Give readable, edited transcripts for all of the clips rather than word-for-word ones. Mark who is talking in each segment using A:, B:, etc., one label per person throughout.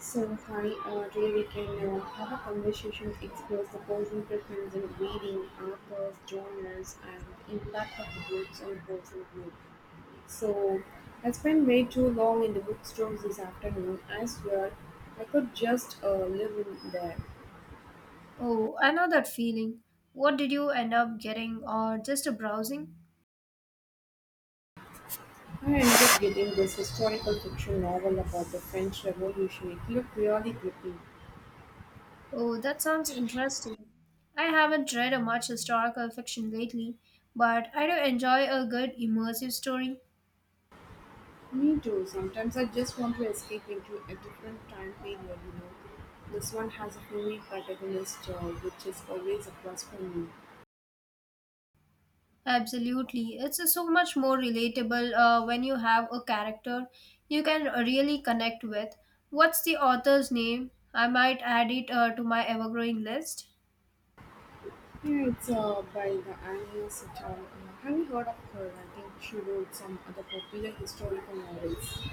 A: So hi, today we can have a conversation that explores the personal preference in reading, authors, genres, and the impact of the books on personal growth. So I spent way too long in the bookstores this afternoon. I swear, I could just live in there.
B: Oh, I know that feeling. What did you end up getting, or just a browsing?
A: I ended up getting this historical fiction novel about the French Revolution. It looked really gripping.
B: Oh, that sounds interesting. I haven't read a much historical fiction lately, but I do enjoy a good immersive story.
A: Me too. Sometimes I just want to escape into a different time period, you know. This one has a female protagonist, which is always a plus for me.
B: Absolutely. It's so much more relatable when you have a character you can really connect with. What's the author's name? I might add it to my ever growing list.
A: Yeah, it's by the Anya Sitar. Have you heard of her? I think she wrote some other popular historical novels.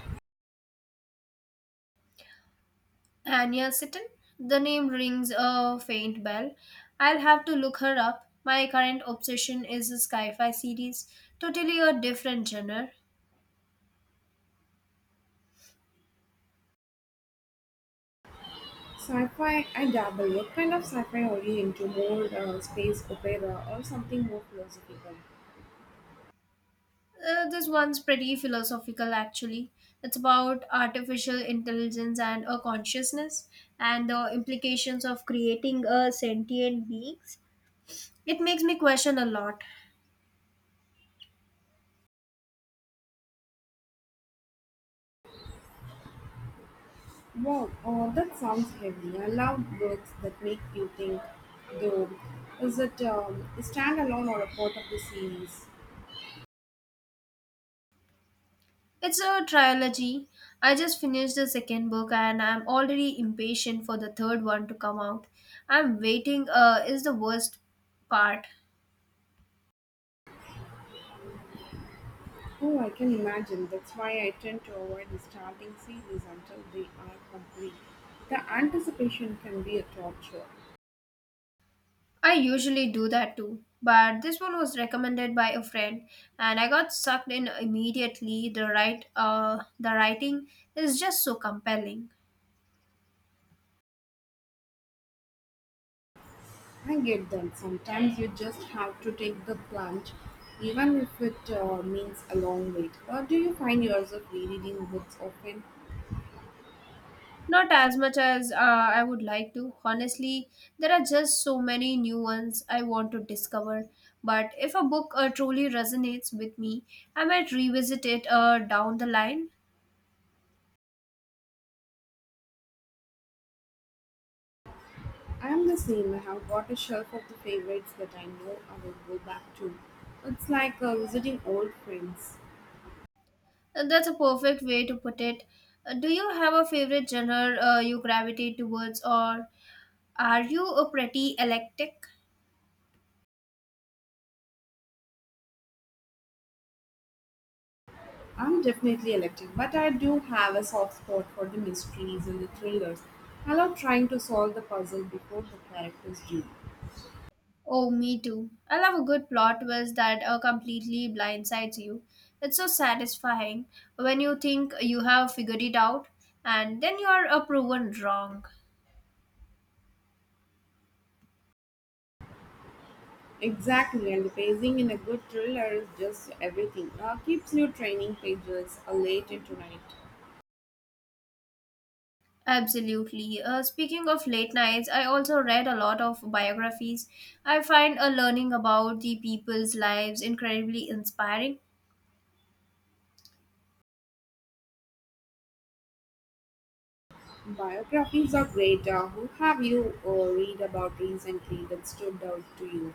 B: Anya Seton? The name rings a faint bell. I'll have to look her up. My current obsession is the sci-fi series, totally a different genre.
A: Sci-fi, I dabble. What kind of sci-fi are you into? More space opera or something more philosophical?
B: This one's pretty philosophical actually. It's about artificial intelligence and a consciousness and the implications of creating a sentient beings. It makes me question a lot.
A: Wow, oh, that sounds heavy. I love books that make you think, though. Is it a standalone or a part of the series?
B: It's a trilogy. I just finished the second book and I'm already impatient for the third one to come out. I'm waiting is the worst part.
A: Oh, I can imagine. That's why I tend to avoid the starting series until they are complete. The anticipation can be a torture.
B: I usually do that too, but this one was recommended by a friend and I got sucked in immediately. The the writing is just so compelling.
A: I get that. Sometimes you just have to take the plunge, even if it means a long wait. Or do you find yourself rereading books often?
B: Not as much as I would like to. Honestly, there are just so many new ones I want to discover. But if a book truly resonates with me, I might revisit it down the line.
A: I'm the same. I have got a shelf of the favorites that I know I will go back to. It's like visiting old friends.
B: That's a perfect way to put it. Do you have a favorite genre you gravitate towards, or are you a pretty eclectic?
A: I'm definitely electric, but I do have a soft spot for the mysteries and the thrillers. I love trying to solve the puzzle before the characters do.
B: Oh, me too. I love a good plot twist that completely blindsides you. It's so satisfying when you think you have figured it out and then you are proven wrong.
A: Exactly, and the pacing in a good thriller is just everything. Keeps you training pages late into night.
B: Absolutely. Speaking of late nights, I also read a lot of biographies. I find learning about the people's lives incredibly inspiring.
A: Biographies are great. Who have you read about recently that stood out to you?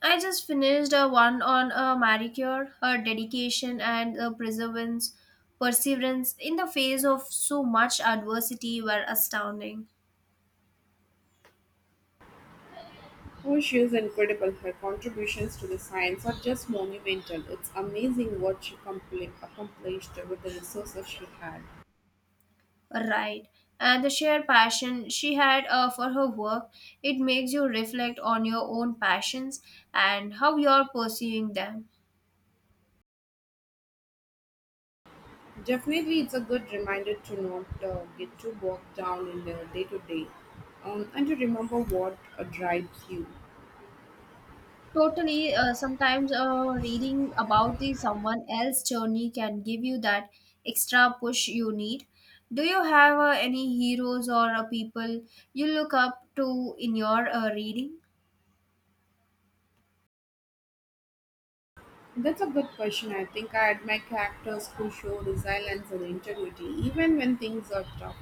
B: I just finished a one on a Marie Curie, her dedication and the perseverance in the face of so much adversity were astounding.
A: Oh, she is incredible. Her contributions to the science are just monumental. It's amazing what she accomplished with the resources she had.
B: Right. And the sheer passion she had for her work, it makes you reflect on your own passions and how you're pursuing them.
A: Definitely, it's a good reminder to not get too bogged down in the day to day and to remember what drives you.
B: Totally, sometimes reading about the someone else journey can give you that extra push you need. Do you have any heroes or people you look up to in your reading?
A: That's a good question. I think I admire characters who show resilience and integrity even when things are tough.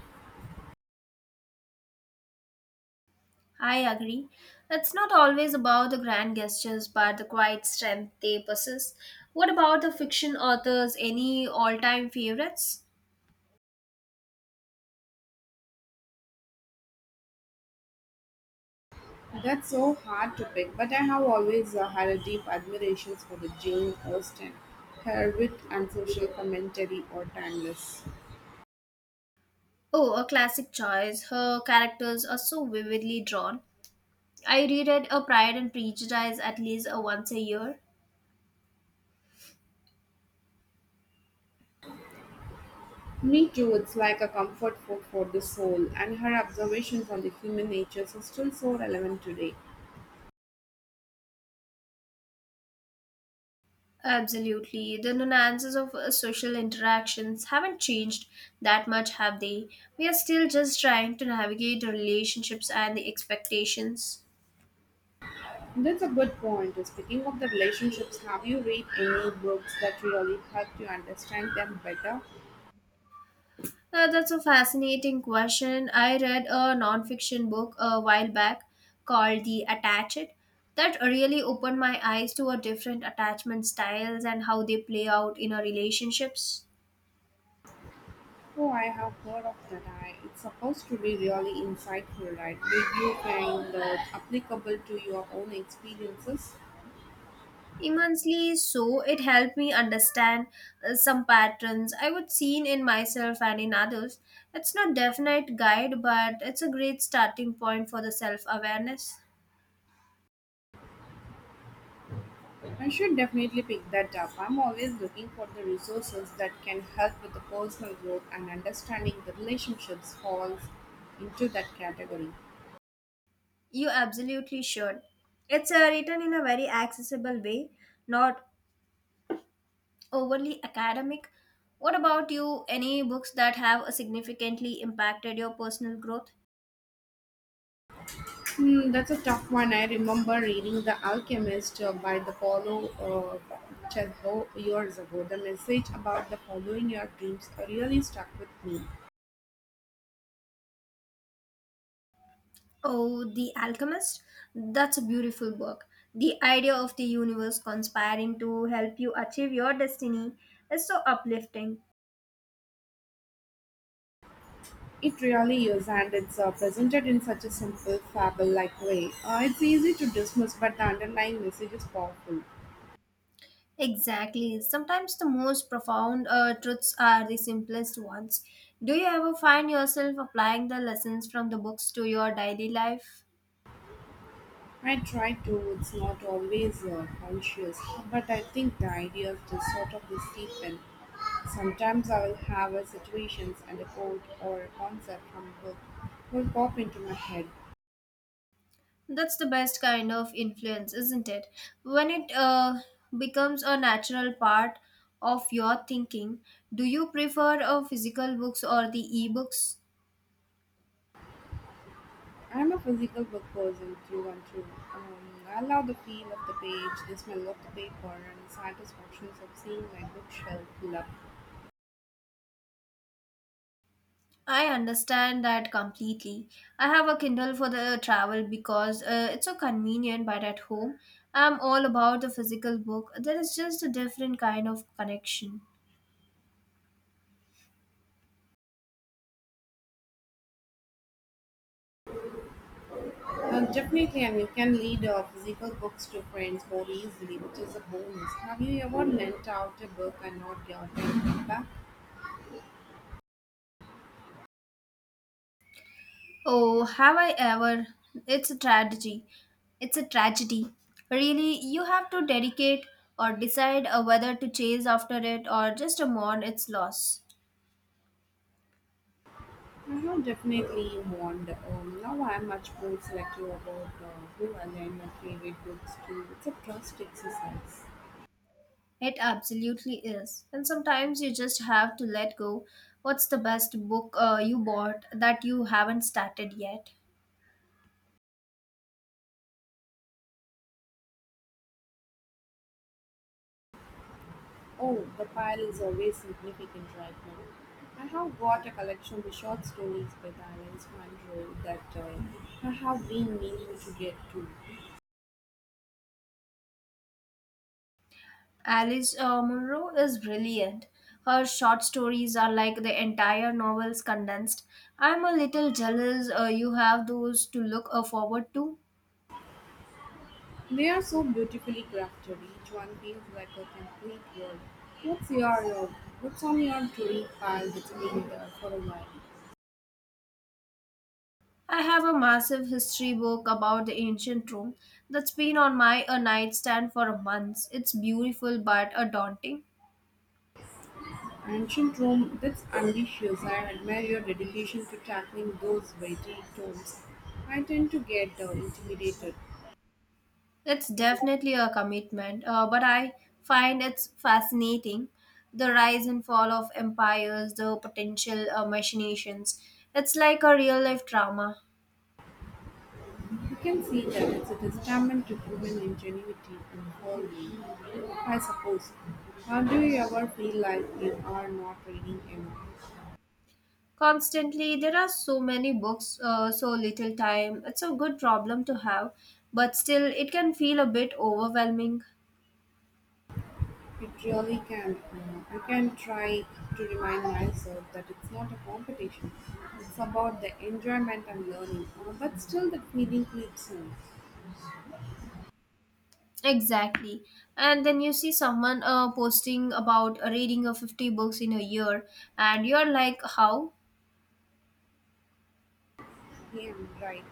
B: I agree. It's not always about the grand gestures, but the quiet strength they possess. What about the fiction authors? Any all-time favorites?
A: That's so hard to pick, but I have always had a deep admiration for the Jane Austen. Her wit and social commentary are timeless.
B: Oh, a classic choice. Her characters are so vividly drawn. I reread A Pride and Prejudice at least once a year.
A: Me too, it's like a comfort book for the soul, and her observations on the human nature are still so relevant today.
B: Absolutely. The nuances of social interactions haven't changed that much, have they? We are still just trying to navigate the relationships and the expectations.
A: That's a good point. Speaking of the relationships, have you read any books that really helped you understand them better?
B: That's a fascinating question. I read a nonfiction book a while back called The Attached that really opened my eyes to a different attachment styles and how they play out in our relationships.
A: Oh, I have heard of that. It's supposed to be really insightful, right? Did you find that applicable to your own experiences?
B: Immensely so. It helped me understand some patterns I would seen in myself and in others. It's not definite guide, but it's a great starting point for the self awareness.
A: I should definitely pick that up. I'm always looking for the resources that can help with the personal growth and understanding the relationships falls into that category.
B: You absolutely should. It's written in a very accessible way, not overly academic. What about you? Any books that have significantly impacted your personal growth?
A: Hmm, that's a tough one. I remember reading The Alchemist by the Paulo Coelho years ago. The message about the following your dreams really stuck with me.
B: Oh, The Alchemist? That's a beautiful book. The idea of the universe conspiring to help you achieve your destiny is so uplifting.
A: It really is, and it's presented in such a simple, fable like way. It's easy to dismiss, but the underlying message is powerful.
B: Exactly. Sometimes the most profound truths are the simplest ones. Do you ever find yourself applying the lessons from the books to your daily life?
A: I try to, it's not always conscious, but I think the ideas just sort of seep in. Sometimes I will have a situations and a quote or a concept from a book will pop into my head.
B: That's the best kind of influence, isn't it? When it becomes a natural part of your thinking, do you prefer physical books or the e books?
A: I'm a physical book person through and through. I love the feel of the page, the smell of the paper, and the satisfactions of seeing my bookshelf fill up.
B: I understand that completely. I have a Kindle for the travel because it's so convenient, but at home, I'm all about the physical book. There is just a different kind of connection.
A: Definitely, and you can lead physical books to friends more easily, which is a bonus. Have you ever lent out a book and not gotten it back?
B: Oh, have I ever? It's a tragedy. It's a tragedy. Really, you have to dedicate or decide whether to chase after it or just mourn its loss.
A: I have definitely warned. Now I'm much more selective about who I lend my favorite books to. It's a trust exercise.
B: It absolutely is. And sometimes you just have to let go. What's the best book you bought that you haven't started yet?
A: Oh, the pile is always significant right now. I have got a collection of short stories by Dalai Mandro that I have been meaning to get to.
B: Alice Munro is brilliant. Her short stories are like the entire novels condensed. I'm a little jealous you have those to look forward to.
A: They are so beautifully crafted, each one feels like a complete world. What's your uh, what's on your touring pile that's been there for a while?
B: I have a massive history book about the ancient Rome that's been on my nightstand for months. It's beautiful but daunting.
A: Ancient Rome, that's ambitious. I admire your dedication to tackling those weighty tomes. I tend to get intimidated.
B: It's definitely a commitment, but I find it's fascinating. The rise and fall of empires, the potential machinations. It's like a real life drama.
A: You can see that it's a testament to human ingenuity and following, I suppose. How do you ever feel like you are not reading enough?
B: Constantly, there are so many books, so little time. It's a good problem to have, but still, it can feel a bit overwhelming.
A: It really can. I can try to remind myself that it's not a competition. It's about the enjoyment and learning. But still, the feeling creeps in.
B: Exactly. And then you see someone posting about reading of 50 books in a year, and you're like, how?
A: Yeah, right.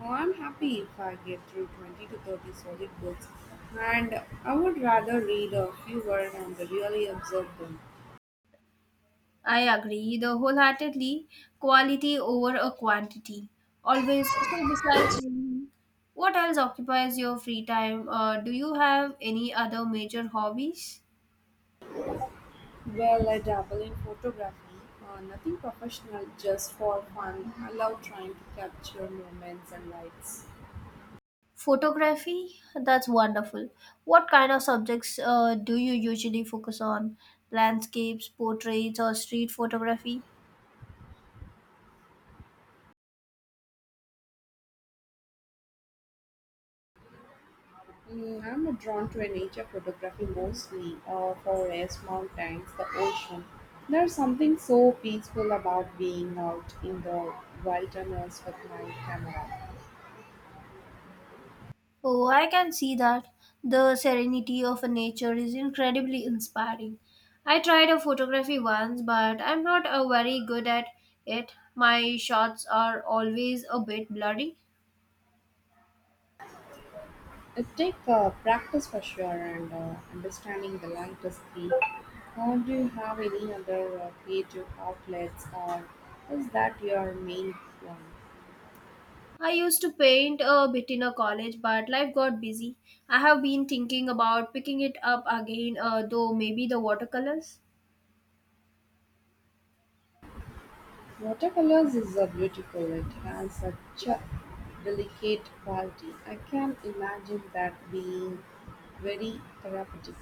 A: I'm happy if I get through 20 to 30 solid books. And I would rather read a fewer and really observe them.
B: I agree, the wholeheartedly quality over a quantity. Always. So, besides reading, what else occupies your free time? Do you have any other major hobbies?
A: Well, I dabble in photography. Nothing professional, just for fun. I love trying to capture moments and lights.
B: Photography? That's wonderful. What kind of subjects do you usually focus on? Landscapes, portraits, or street photography?
A: Mm, I'm drawn to a nature photography mostly, forests, mountains, the ocean. There's something so peaceful about being out in the wilderness with my camera.
B: Oh, I can see that. The serenity of a nature is incredibly inspiring. I tried a photography once, but I'm not very good at it. My shots are always a bit blurry.
A: It takes practice for sure and understanding the light is key. How do you have any other creative outlets or is that your main one?
B: I used to paint a bit in a college, but life got busy. I have been thinking about picking it up again, though maybe the watercolors.
A: Watercolors is a beautiful. It has such a delicate quality. I can imagine that being very therapeutic.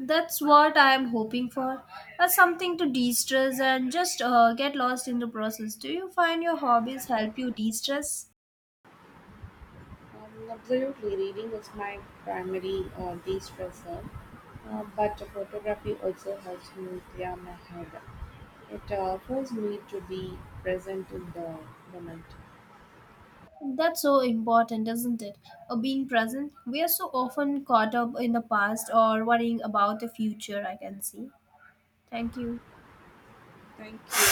B: That's what I am hoping for. Something to de stress and just get lost in the process. Do you find your hobbies help you de stress?
A: Absolutely, reading is my primary de-stressor, but photography also helps me clear my head. It forces me to be present in the moment.
B: That's so important, isn't it? Being present. We are so often caught up in the past or worrying about the future, I can see. Thank you.
A: Thank you.